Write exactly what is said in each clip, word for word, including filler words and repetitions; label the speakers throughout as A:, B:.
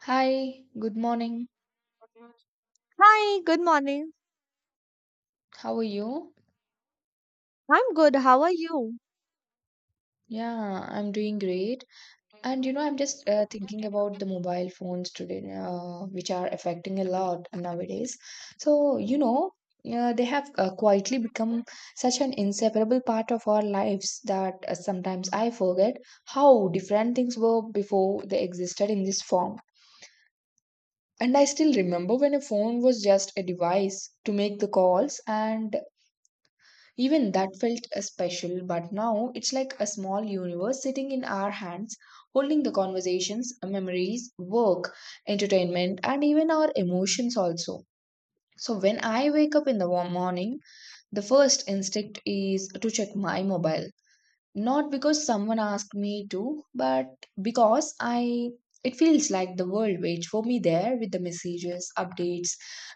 A: Hi, good morning.
B: Hi, good morning.
A: How are you?
B: I'm good. How are you?
A: Yeah, I'm doing great. And you know, I'm just uh, thinking about the mobile phones today, uh, which are affecting a lot nowadays. So, you know, uh, they have uh, quietly become such an inseparable part of our lives that uh, sometimes I forget how different things were before they existed in this form. And I still remember when a phone was just a device to make the calls. And even that felt uh, special, but now it's like a small universe sitting in our hands, holding the conversations, memories, work, entertainment, and even our emotions also. So when I wake up in the wa- morning, the first instinct is to check my mobile. Not because someone asked me to, but because I it feels like the world waits for me there with the messages, updates,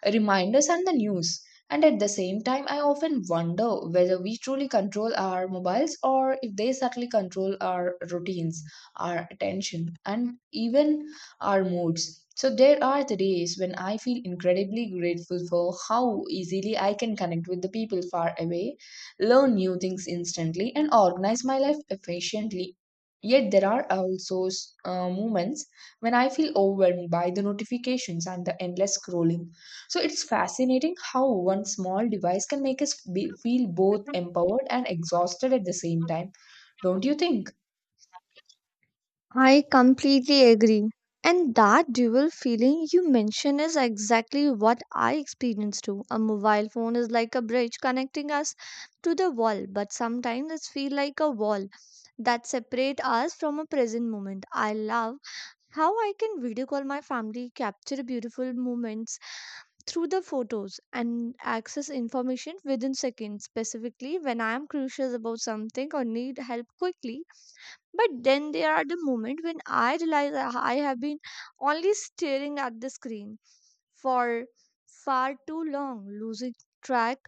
A: reminders and the news. And at the same time, I often wonder whether we truly control our mobiles or if they subtly control our routines, our attention, and even our moods. So, there are the days when I feel incredibly grateful for how easily I can connect with the people far away, learn new things instantly, and organize my life efficiently. Yet there are also uh, moments when I feel overwhelmed by the notifications and the endless scrolling. So it's fascinating how one small device can make us be, feel both empowered and exhausted at the same time. Don't you think?
B: I completely agree. And that dual feeling you mention is exactly what I experience too. A mobile phone is like a bridge connecting us to the world, but sometimes it feels like a wall that separate us from a present moment. I love how I can video call my family, capture beautiful moments, through the photos and access information within seconds, specifically when I am crucial about something or need help quickly. But then there are the moments when I realize that I have been only staring at the screen for far too long, losing track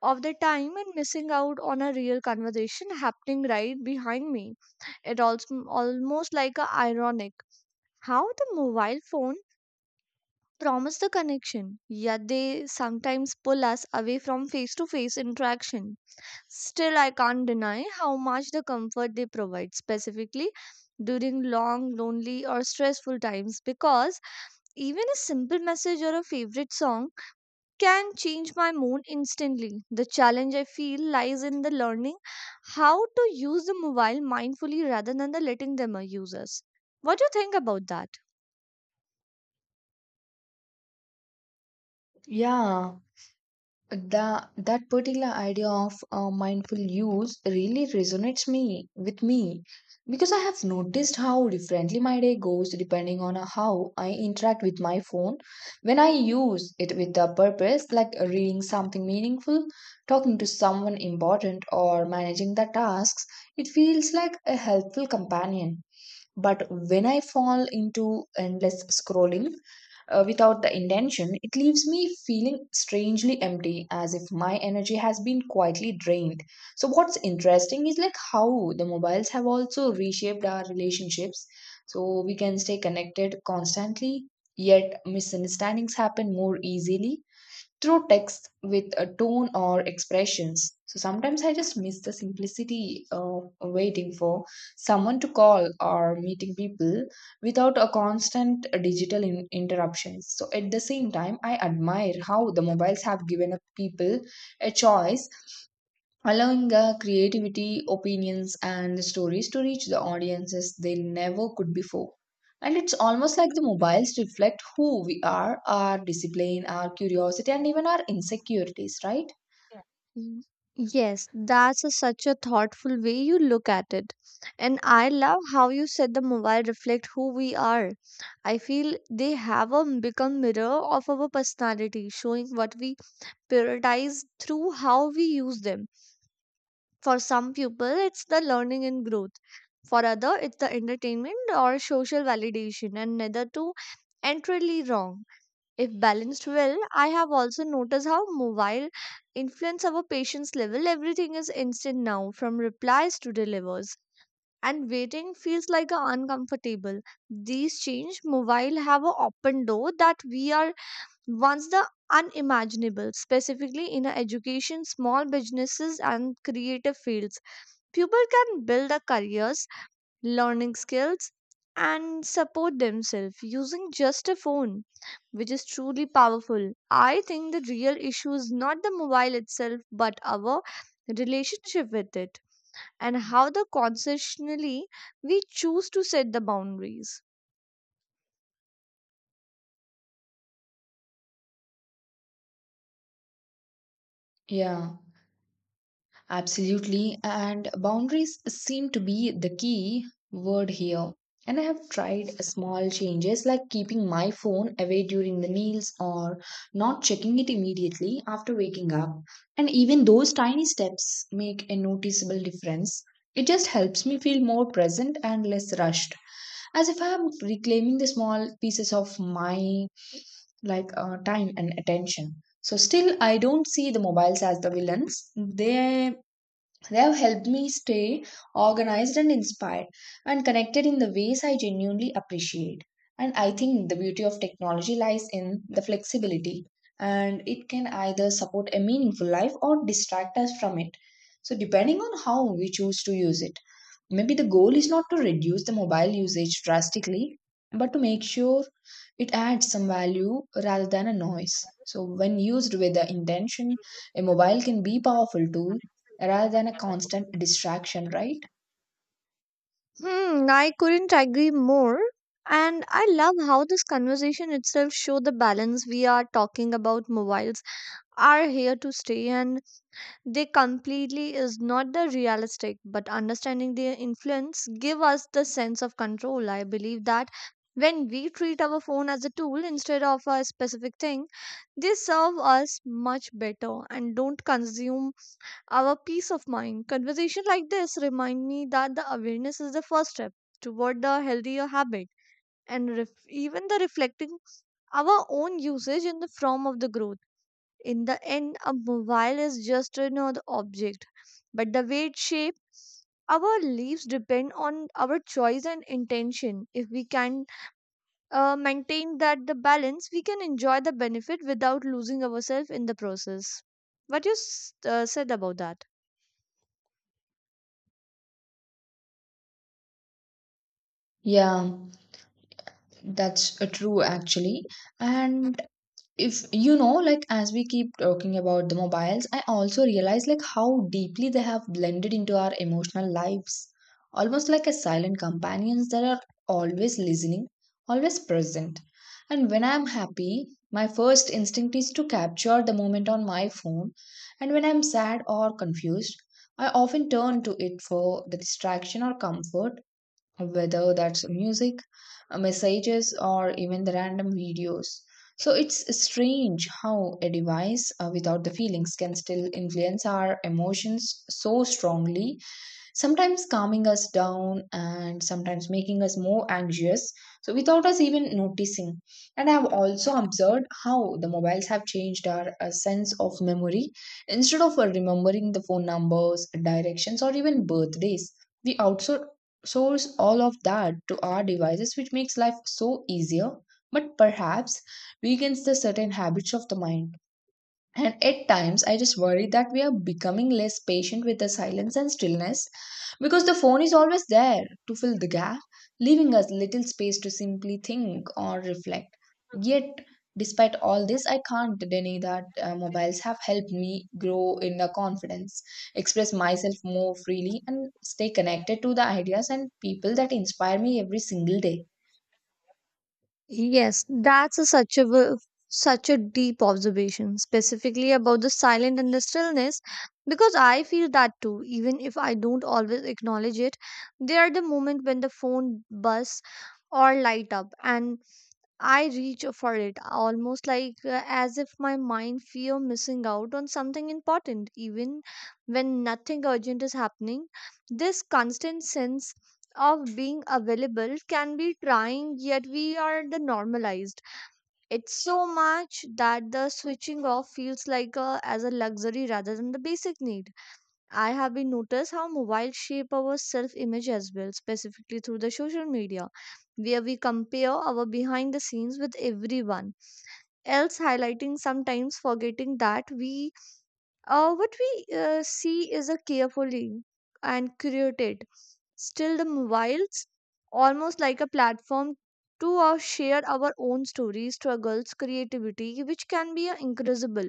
B: of the time and missing out on a real conversation happening right behind me. It also almost like a ironic how the mobile phone promise the connection, yet they sometimes pull us away from face to face interaction. Still, I can't deny how much the comfort they provide, specifically during long, lonely, or stressful times, because even a simple message or a favorite song can change my mood instantly. The challenge I feel lies in the learning how to use the mobile mindfully rather than the letting them uh, use us. What do you think about that?
A: Yeah. that that particular idea of uh, mindful use really resonates me with me because I have noticed how differently my day goes depending on uh, how I interact with my phone when I use it with a purpose, like uh, reading something meaningful, talking to someone important, or managing the tasks. It feels like a helpful companion. But when I fall into endless scrolling uh, without the intention, it leaves me feeling strangely empty, as if my energy has been quietly drained. So, what's interesting is like how the mobiles have also reshaped our relationships. So, we can stay connected constantly, yet misunderstandings happen more easily through text with a tone or expressions. So sometimes I just miss the simplicity of waiting for someone to call or meeting people without a constant digital in- interruptions. So at the same time, I admire how the mobiles have given up people a choice, allowing the creativity, opinions, and stories to reach the audiences they never could before. And it's almost like the mobiles reflect who we are, our discipline, our curiosity, and even our insecurities, right?
B: Yeah. Y- Yes, that's a, such a thoughtful way you look at it. And I love how you said the mobile reflect who we are. I feel they have a become mirror of our personality, showing what we prioritize through how we use them. For some people, it's the learning and growth. For other, it's the entertainment or social validation, and neither two entirely wrong. If balanced well, I have also noticed how mobile influence our patience level. Everything is instant now, from replies to delivers. And waiting feels like a uncomfortable. These change mobile have a open door that we are once the unimaginable, specifically in a education, small businesses and creative fields. People can build a careers learning skills, and support themselves using just a phone, which is truly powerful. I think the real issue is not the mobile itself, but our relationship with it and how the consciously we choose to set the boundaries.
A: Yeah. Absolutely. And boundaries seem to be the key word here. And I have tried small changes like keeping my phone away during the meals or not checking it immediately after waking up. And even those tiny steps make a noticeable difference. It just helps me feel more present and less rushed, as if I am reclaiming the small pieces of my like uh, time and attention. So still, I don't see the mobiles as the villains. They they have helped me stay organized and inspired and connected in the ways I genuinely appreciate. And I think the beauty of technology lies in the flexibility, and it can either support a meaningful life or distract us from it, so depending on how we choose to use it. Maybe the goal is not to reduce the mobile usage drastically, but to make sure it adds some value rather than a noise. So, when used with the intention, a mobile can be powerful tool rather than a constant distraction, right?
B: Hmm, I couldn't agree more. And I love how this conversation itself show the balance we are talking about. Mobiles are here to stay, and they completely is not the realistic, but understanding their influence give us the sense of control. I believe that when we treat our phone as a tool instead of a specific thing, they serve us much better and don't consume our peace of mind. Conversation like this remind me that the awareness is the first step toward the healthier habit, and ref- even the reflecting our own usage in the form of the growth. In the end, a mobile is just another object, but the way it shapes our lives depend on our choice and intention. If we can uh, maintain that the balance, we can enjoy the benefit without losing ourselves in the process. What you s- uh, said about that?
A: Yeah, that's uh, true actually. And if you know, like as we keep talking about the mobiles, I also realize like how deeply they have blended into our emotional lives. Almost like a silent companions that are always listening, always present. And when I'm happy, my first instinct is to capture the moment on my phone. And when I'm sad or confused, I often turn to it for the distraction or comfort, whether that's music, uh, messages, or even the random videos. So it's strange how a device uh, without the feelings can still influence our emotions so strongly, sometimes calming us down and sometimes making us more anxious, so without us even noticing. And I have also observed how the mobiles have changed our uh, sense of memory. Instead of uh, remembering the phone numbers, directions, or even birthdays, we outsource all of that to our devices, which makes life so easier, but perhaps weakens the certain habits of the mind. And at times, I just worry that we are becoming less patient with the silence and stillness because the phone is always there to fill the gap, leaving us little space to simply think or reflect. Yet, despite all this, I can't deny that uh, mobiles have helped me grow in the confidence, express myself more freely, and stay connected to the ideas and people that inspire me every single day.
B: Yes, that's a such a w- such a deep observation, specifically about the silent and the stillness, because I feel that too, even if I don't always acknowledge it. They are the moment when the phone buzz or light up, and I reach for it almost like uh, as if my mind fear missing out on something important, even when nothing urgent is happening. This constant sense of being available can be trying, yet we are the normalized. It's so much that the switching off feels like a, as a luxury rather than the basic need. I have been noticed how mobile shape our self image as well, specifically through the social media, where we compare our behind the scenes with everyone else, highlighting sometimes forgetting that we uh, what we uh, see is a carefully and curated. Still, the mobiles almost like a platform to uh, share our own stories, struggles, creativity, which can be uh, incredible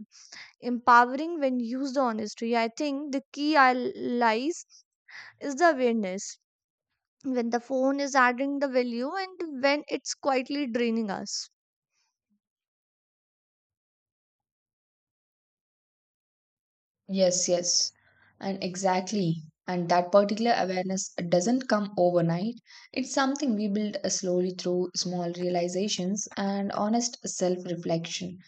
B: empowering when used honestly. I think the key I lies is the awareness when the phone is adding the value and when it's quietly draining us.
A: Yes, yes, and exactly. And that particular awareness doesn't come overnight. It's something we build uh, slowly through small realizations and honest self reflection.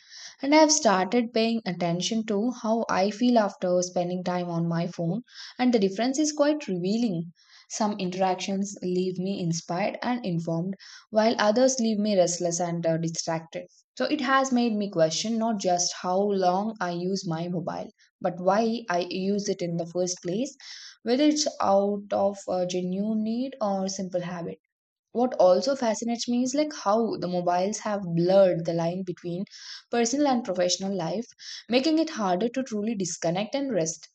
A: And I have started paying attention to how I feel after spending time on my phone, and the difference is quite revealing. Some interactions leave me inspired and informed, while others leave me restless and uh, distracted. So it has made me question not just how long I use my mobile but why I use it in the first place, whether it's out of a genuine need or simple habit. What also fascinates me is like how the mobiles have blurred the line between personal and professional life, making it harder to truly disconnect and rest.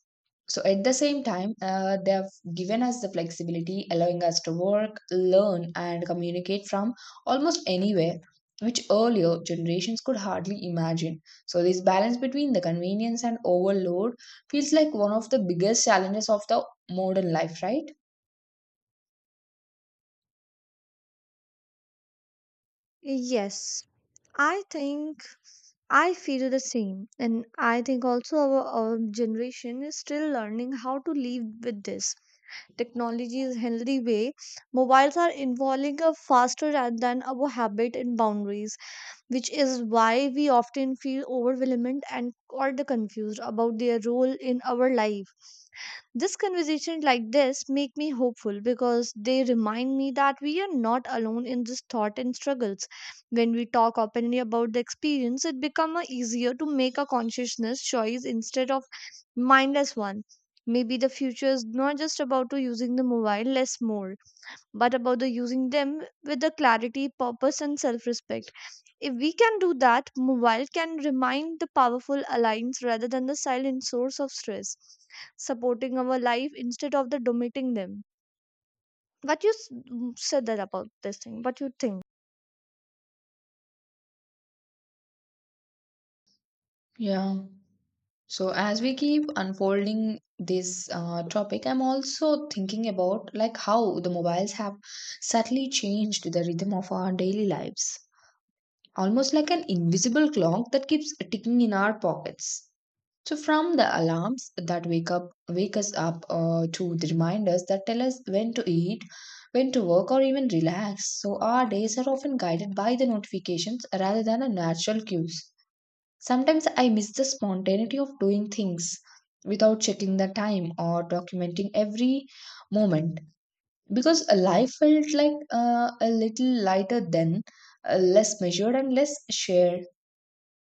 A: So at the same time uh, they have given us the flexibility, allowing us to work, learn and communicate from almost anywhere, which earlier generations could hardly imagine. So this balance between the convenience and overload feels like one of the biggest challenges of the modern life, right?
B: Yes, I think I feel the same. And I think also our, our generation is still learning how to live with this. Technology is healthy way. Mobiles are evolving a faster ra- than our habit and boundaries, which is why we often feel overwhelmed and or the confused about their role in our life. This conversation like this make me hopeful because they remind me that we are not alone in this thought and struggles. When we talk openly about the experience, it become a easier to make a consciousness choice instead of mindless one. Maybe the future is not just about to using the mobile less more, but about the using them with the clarity, purpose, and self-respect. If we can do that, mobile can remind the powerful alliance rather than the silent source of stress, supporting our life instead of the dominating them. What you s- m- said that about this thing? What you think?
A: Yeah. So, as we keep unfolding this uh, topic, I'm also thinking about like how the mobiles have subtly changed the rhythm of our daily lives, almost like an invisible clock that keeps ticking in our pockets. So, from the alarms that wake up, wake us up, uh, to the reminders that tell us when to eat, when to work, or even relax. So, our days are often guided by the notifications rather than the natural cues. Sometimes I miss the spontaneity of doing things without checking the time or documenting every moment, because life felt like uh, a little lighter then, uh, less measured and less shared.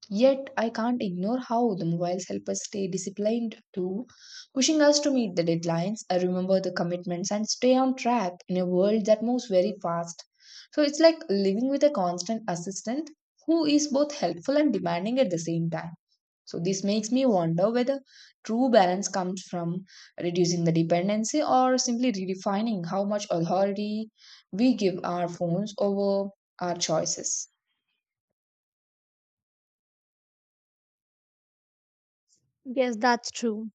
A: Yet I can't ignore how the mobiles help us stay disciplined too, pushing us to meet the deadlines, uh, remember the commitments, and stay on track in a world that moves very fast. So it's like living with a constant assistant who is both helpful and demanding at the same time. So this makes me wonder whether true balance comes from reducing the dependency or simply redefining how much authority we give our phones over our choices.
B: Yes, that's true.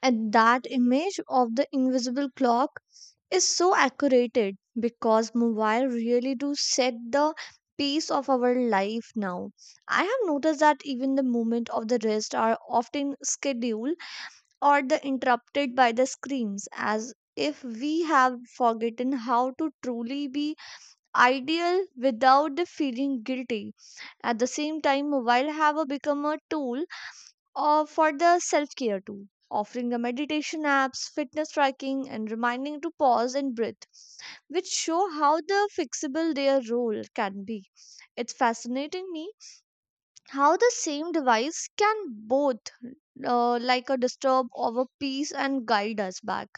B: And that image of the invisible clock is so accurate because mobile really do set the pace of our life now. I have noticed that even the moment of the rest are often scheduled or the interrupted by the screams, as if we have forgotten how to truly be ideal without the feeling guilty. At the same time, mobile have a become a tool uh, for the self care too, offering the meditation apps, fitness tracking, and reminding to pause and breathe, which show how the fixable their role can be. It's fascinating me how the same device can both uh, like a disturb our peace and guide us back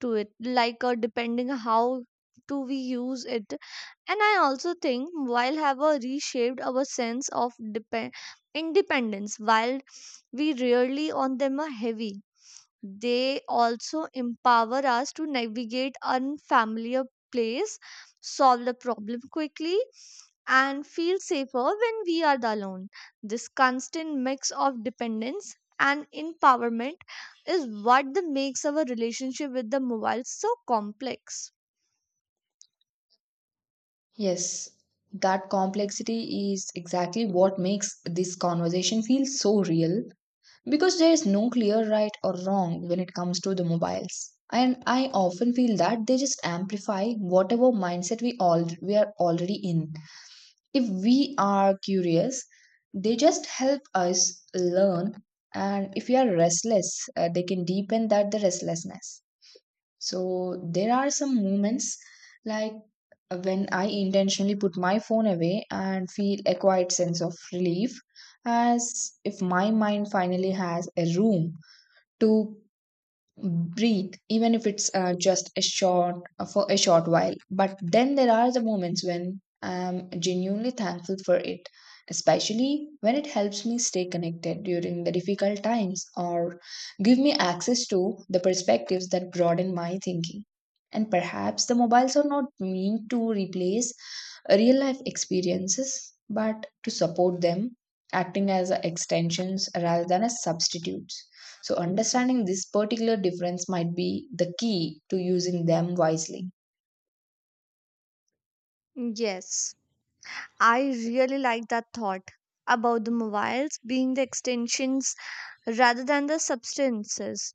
B: to it, like uh, depending how do we use it. And I also think while have a reshaped our sense of depend independence. While we rarely on them are heavy, they also empower us to navigate unfamiliar place, solve the problem quickly, and feel safer when we are the alone. This constant mix of dependence and empowerment is what the makes our relationship with the mobile so complex.
A: Yes, that complexity is exactly what makes this conversation feel so real because there is no clear right or wrong when it comes to the mobiles. And I often feel that they just amplify whatever mindset we all we are already in. If we are curious, they just help us learn. And if we are restless, uh, they can deepen that the restlessness. So there are some moments like uh, when I intentionally put my phone away and feel a quiet sense of relief, as if my mind finally has a room to breathe, even if it's uh, just a short uh, for a short while. But then there are the moments when I'm genuinely thankful for it, especially when it helps me stay connected during the difficult times or give me access to the perspectives that broaden my thinking. And perhaps the mobiles are not meant to replace real life experiences but to support them, acting as extensions rather than as substitutes. So, understanding this particular difference might be the key to using them wisely.
B: Yes, I really like that thought about the mobiles being the extensions rather than the substances.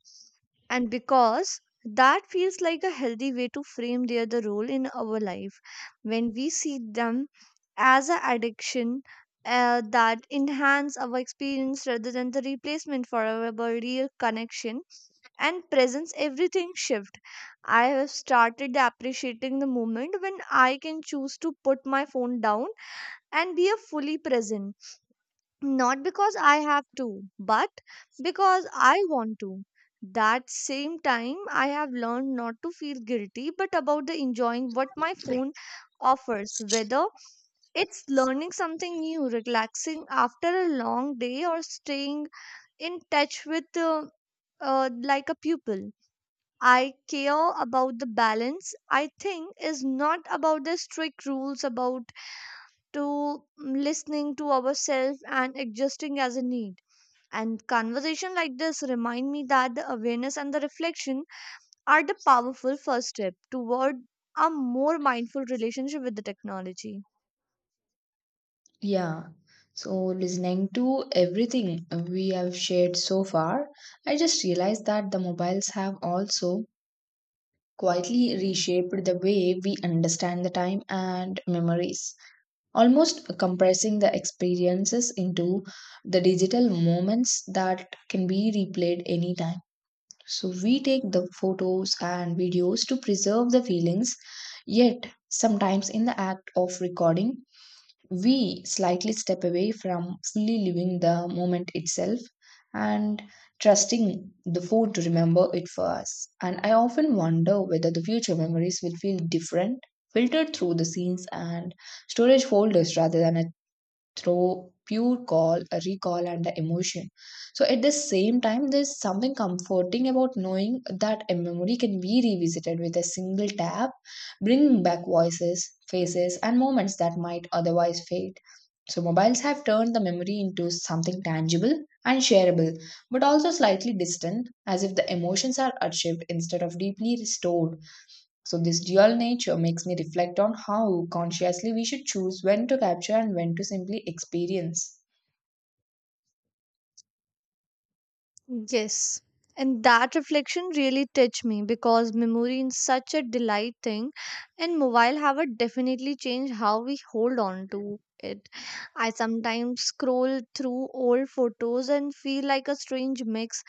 B: And because that feels like a healthy way to frame their the role in our life when we see them as an addiction uh, that enhance our experience rather than the replacement for our real connection and presence, everything shift. I have started appreciating the moment when I can choose to put my phone down and be a fully present, not because I have to, but because I want to. That same time, I have learned not to feel guilty, but about the enjoying what my phone offers, whether it's learning something new, relaxing after a long day, or staying in touch with uh, uh, like a pupil. I care about the balance. I think is not about the strict rules about to mm, listening to ourselves and adjusting as a need. And conversation like this remind me that the awareness and the reflection are the powerful first step toward a more mindful relationship with the technology.
A: Yeah. So, listening to everything we have shared so far, I just realized that the mobiles have also quietly reshaped the way we understand the time and memories, almost compressing the experiences into the digital moments that can be replayed anytime. So we take the photos and videos to preserve the feelings, yet sometimes in the act of recording, we slightly step away from fully living the moment itself and trusting the phone to remember it for us. And I often wonder whether the future memories will feel different, filtered through the scenes and storage folders rather than a through pure call a recall and the emotion. So at the same time, there's something comforting about knowing that a memory can be revisited with a single tap, bringing back voices, faces, and moments that might otherwise fade. So mobiles have turned the memory into something tangible and shareable, but also slightly distant, as if the emotions are achieved instead of deeply restored. So, this dual nature makes me reflect on how consciously we should choose when to capture and when to simply experience.
B: Yes. And that reflection really touched me because memory is such a delight thing, and mobile have a definitely changed how we hold on to it. I sometimes scroll through old photos and feel like a strange mix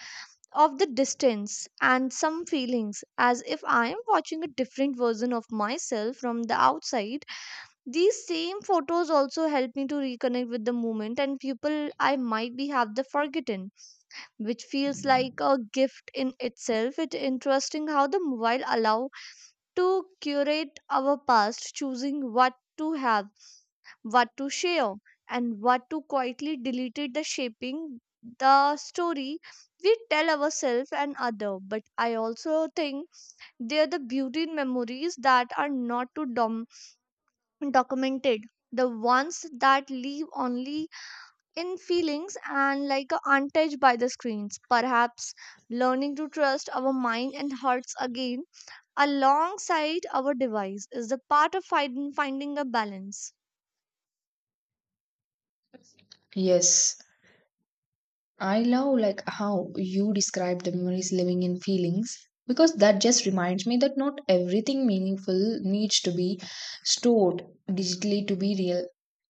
B: of the distance and some feelings, as if I am watching a different version of myself from the outside. These same photos also help me to reconnect with the moment and people I might be have the forgotten, which feels like a gift in itself. It's interesting how the mobile allow to curate our past, choosing what to have, what to share, and what to quietly deleted the shaping the story we tell ourselves and other. But I also think they're the beauty in memories that are not too dom- documented, the ones that live only in feelings and like uh, untouched by the screens. Perhaps learning to trust our mind and hearts again alongside our device is the part of find- finding a balance.
A: Yes, I love like how you describe the memories living in feelings, because that just reminds me that not everything meaningful needs to be stored digitally to be real.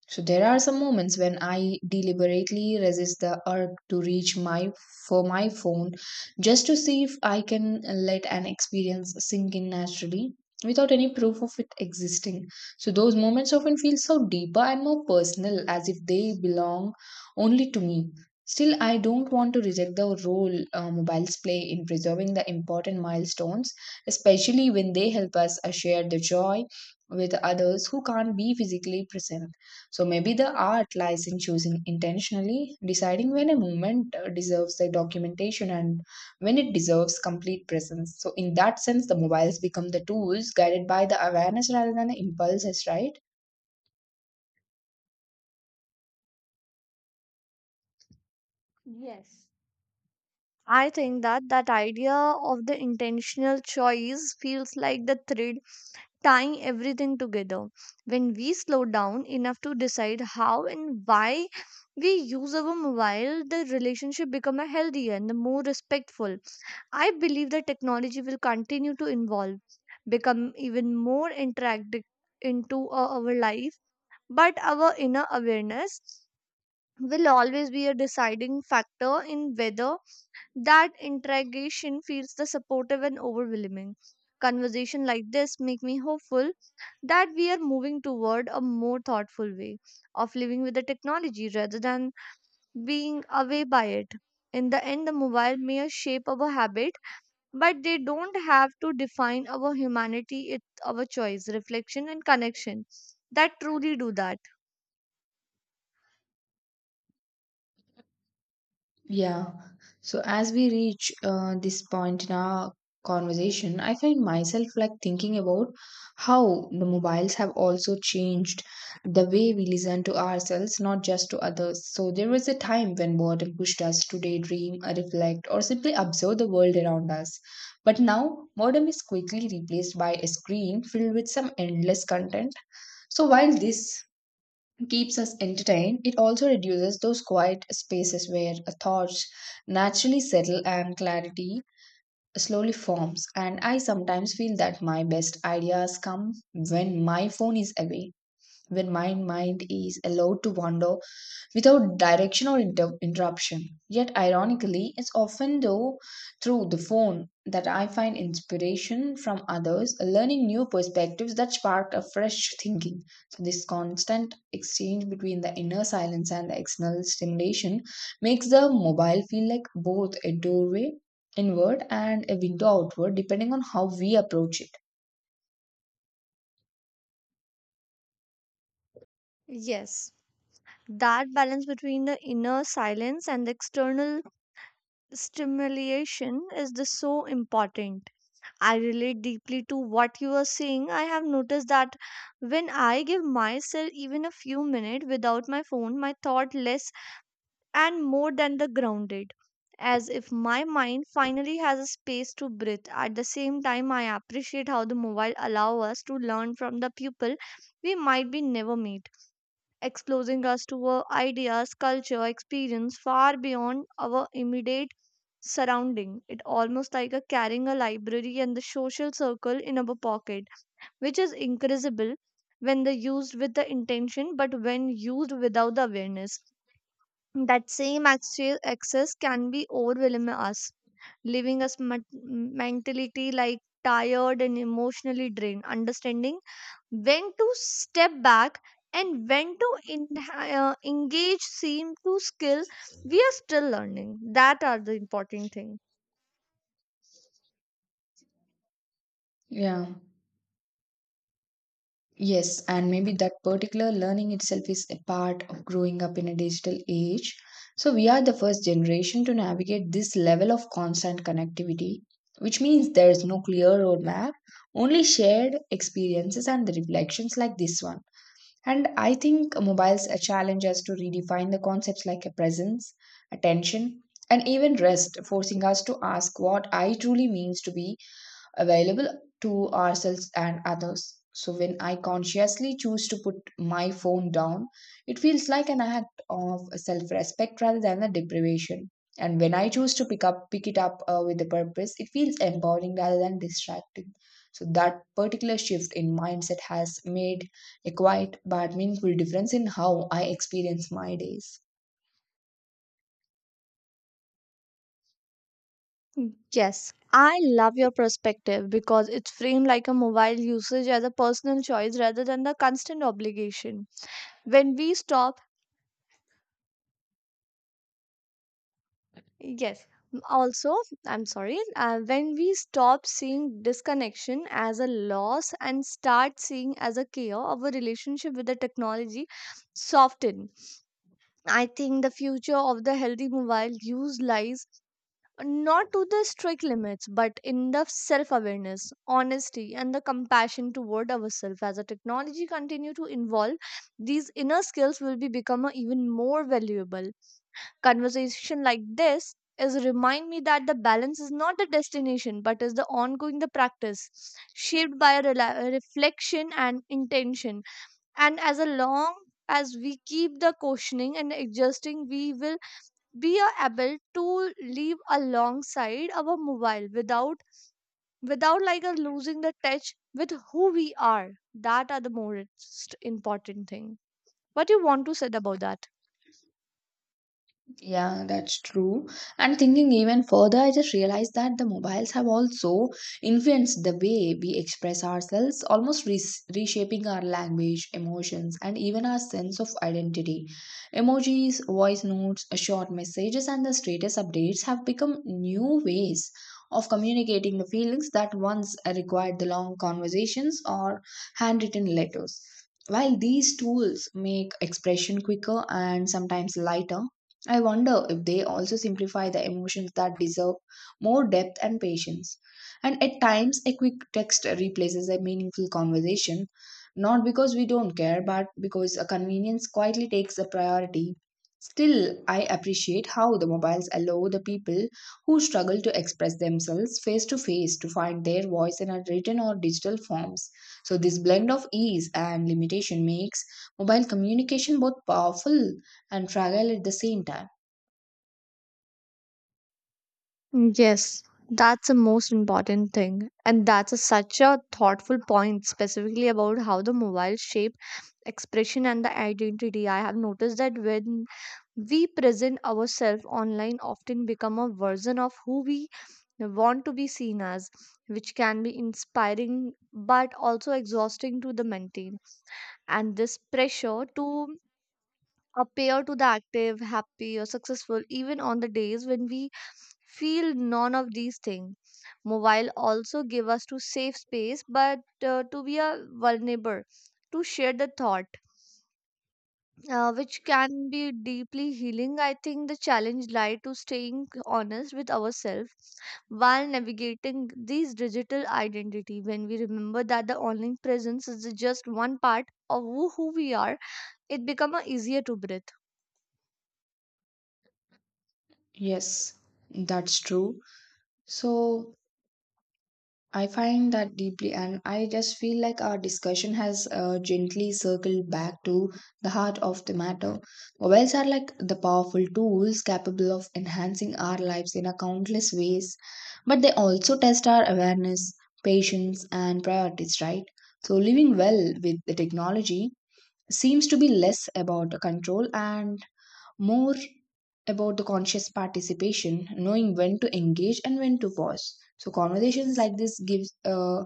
A: So there are some moments when I deliberately resist the urge to reach my for my phone just to see if I can let an experience sink in naturally without any proof of it existing. So those moments often feel so deeper and more personal, as if they belong only to me. Still, I don't want to reject the role uh, mobiles play in preserving the important milestones, especially when they help us uh, share the joy with others who can't be physically present. So maybe the art lies in choosing intentionally, deciding when a movement uh, deserves the documentation and when it deserves complete presence. So in that sense, the mobiles become the tools guided by the awareness rather than the impulses, right?
B: Yes. I think that that idea of the intentional choice feels like the thread tying everything together. When we slow down enough to decide how and why we use our mobile, the relationship become a healthier and the more respectful. I believe that technology will continue to evolve, become even more interactive into uh, our life, but our inner awareness will always be a deciding factor in whether that interrogation feels the supportive and overwhelming. Conversation like this make me hopeful that we are moving toward a more thoughtful way of living with the technology rather than being away by it. In the end, the mobile may shape our habit, but they don't have to define our humanity. It's our choice, reflection, and connection that truly do that.
A: Yeah. So as we reach uh, this point in our conversation, I find myself like thinking about how the mobiles have also changed the way we listen to ourselves, not just to others. So there was a time when boredom pushed us to daydream, uh, reflect, or simply observe the world around us. But now, boredom is quickly replaced by a screen filled with some endless content. So while this keeps us entertained, it also reduces those quiet spaces where thoughts naturally settle and clarity slowly forms. And I sometimes feel that my best ideas come when my phone is away, when my mind is allowed to wander without direction or inter- interruption. Yet, ironically, it's often though through the phone that I find inspiration from others, learning new perspectives that spark a fresh thinking. So, this constant exchange between the inner silence and the external stimulation makes the mobile feel like both a doorway inward and a window outward, depending on how we approach it.
B: Yes. That balance between the inner silence and the external stimulation is this so important. I relate deeply to what you are saying. I have noticed that when I give myself even a few minutes without my phone, my thought less and more than the grounded, as if my mind finally has a space to breathe. At the same time, I appreciate how the mobile allow us to learn from the people we might be never meet, exposing us to our ideas, culture, experience far beyond our immediate surrounding. It almost like a carrying a library and the social circle in our pocket, which is incredible when they used with the intention, but when used without the awareness. That same access, access can be overwhelm us, leaving us mat- mentally like tired and emotionally drained. Understanding when to step back and when to in, uh, engage seem to skill we are still learning, that are the important thing.
A: Yeah. Yes, and maybe that particular learning itself is a part of growing up in a digital age. So, we are the first generation to navigate this level of constant connectivity, which means there is no clear roadmap, only shared experiences and the reflections like this one. And I think mobiles a challenge us to redefine the concepts like a presence, attention, and even rest, forcing us to ask what I truly means to be available to ourselves and others. So when I consciously choose to put my phone down, it feels like an act of self-respect rather than a deprivation. And when I choose to pick up pick it up uh, with a purpose, it feels empowering rather than distracting. So that particular shift in mindset has made a quiet but meaningful difference in how I experience my days.
B: Yes, I love your perspective because it's framed like a mobile usage as a personal choice rather than the constant obligation. When we stop, yes, also, I'm sorry, uh, when we stop seeing disconnection as a loss and start seeing as a care of a relationship with the technology, soften. I think the future of the healthy mobile use lies not to the strict limits, but in the self awareness, honesty, and the compassion toward ourselves. As the technology continue to evolve, these inner skills will be become a even more valuable. Conversation like this is remind me that the balance is not the destination, but is the ongoing the practice, shaped by rela- reflection and intention. And as a long as we keep the questioning and adjusting, we will we are able to live alongside our mobile without without like a losing the touch with who we are, that are the most important thing. What you want to say about that?
A: Yeah, that's true. And thinking even further, I just realized that the mobiles have also influenced the way we express ourselves, almost re- reshaping our language, emotions, and even our sense of identity. Emojis, voice notes, short messages, and the status updates have become new ways of communicating the feelings that once required the long conversations or handwritten letters. While these tools make expression quicker and sometimes lighter, I wonder if they also simplify the emotions that deserve more depth and patience. And at times, a quick text replaces a meaningful conversation, not because we don't care, but because a convenience quietly takes the priority. Still, I appreciate how the mobiles allow the people who struggle to express themselves face to face to find their voice in a written or digital forms. So, this blend of ease and limitation makes mobile communication both powerful and fragile at the same time.
B: Yes, that's the most important thing, and that's a, such a thoughtful point specifically about how the mobile shapes expression and the identity. I have noticed that when we present ourselves online often become a version of who we want to be seen as, which can be inspiring but also exhausting to the maintain. And this pressure to appear to the active, happy or successful, even on the days when we feel none of these things. Mobile also give us to safe space, but uh, to be a vulnerable to share the thought, uh, which can be deeply healing. I think the challenge lie to staying honest with ourselves while navigating these digital identity. When we remember that the online presence is just one part of who who we are, it become uh, easier to breathe.
A: Yes, that's true. So I find that deeply, and I just feel like our discussion has uh, gently circled back to the heart of the matter. Mobiles are like the powerful tools capable of enhancing our lives in a countless ways, but they also test our awareness, patience, and priorities, right? So living well with the technology seems to be less about control and more about the conscious participation, knowing when to engage and when to pause. So conversations like this gives uh,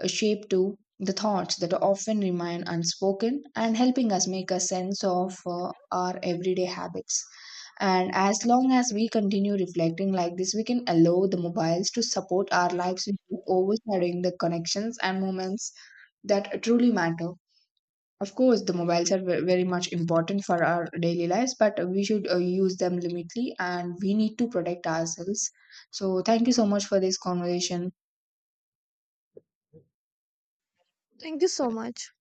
A: a shape to the thoughts that often remain unspoken and helping us make a sense of uh, our everyday habits. And as long as we continue reflecting like this, we can allow the mobiles to support our lives without overshadowing the connections and moments that truly matter. Of course, the mobiles are ve- very much important for our daily lives, but we should uh, use them limitly and we need to protect ourselves. So, thank you so much for this conversation.
B: Thank you so much.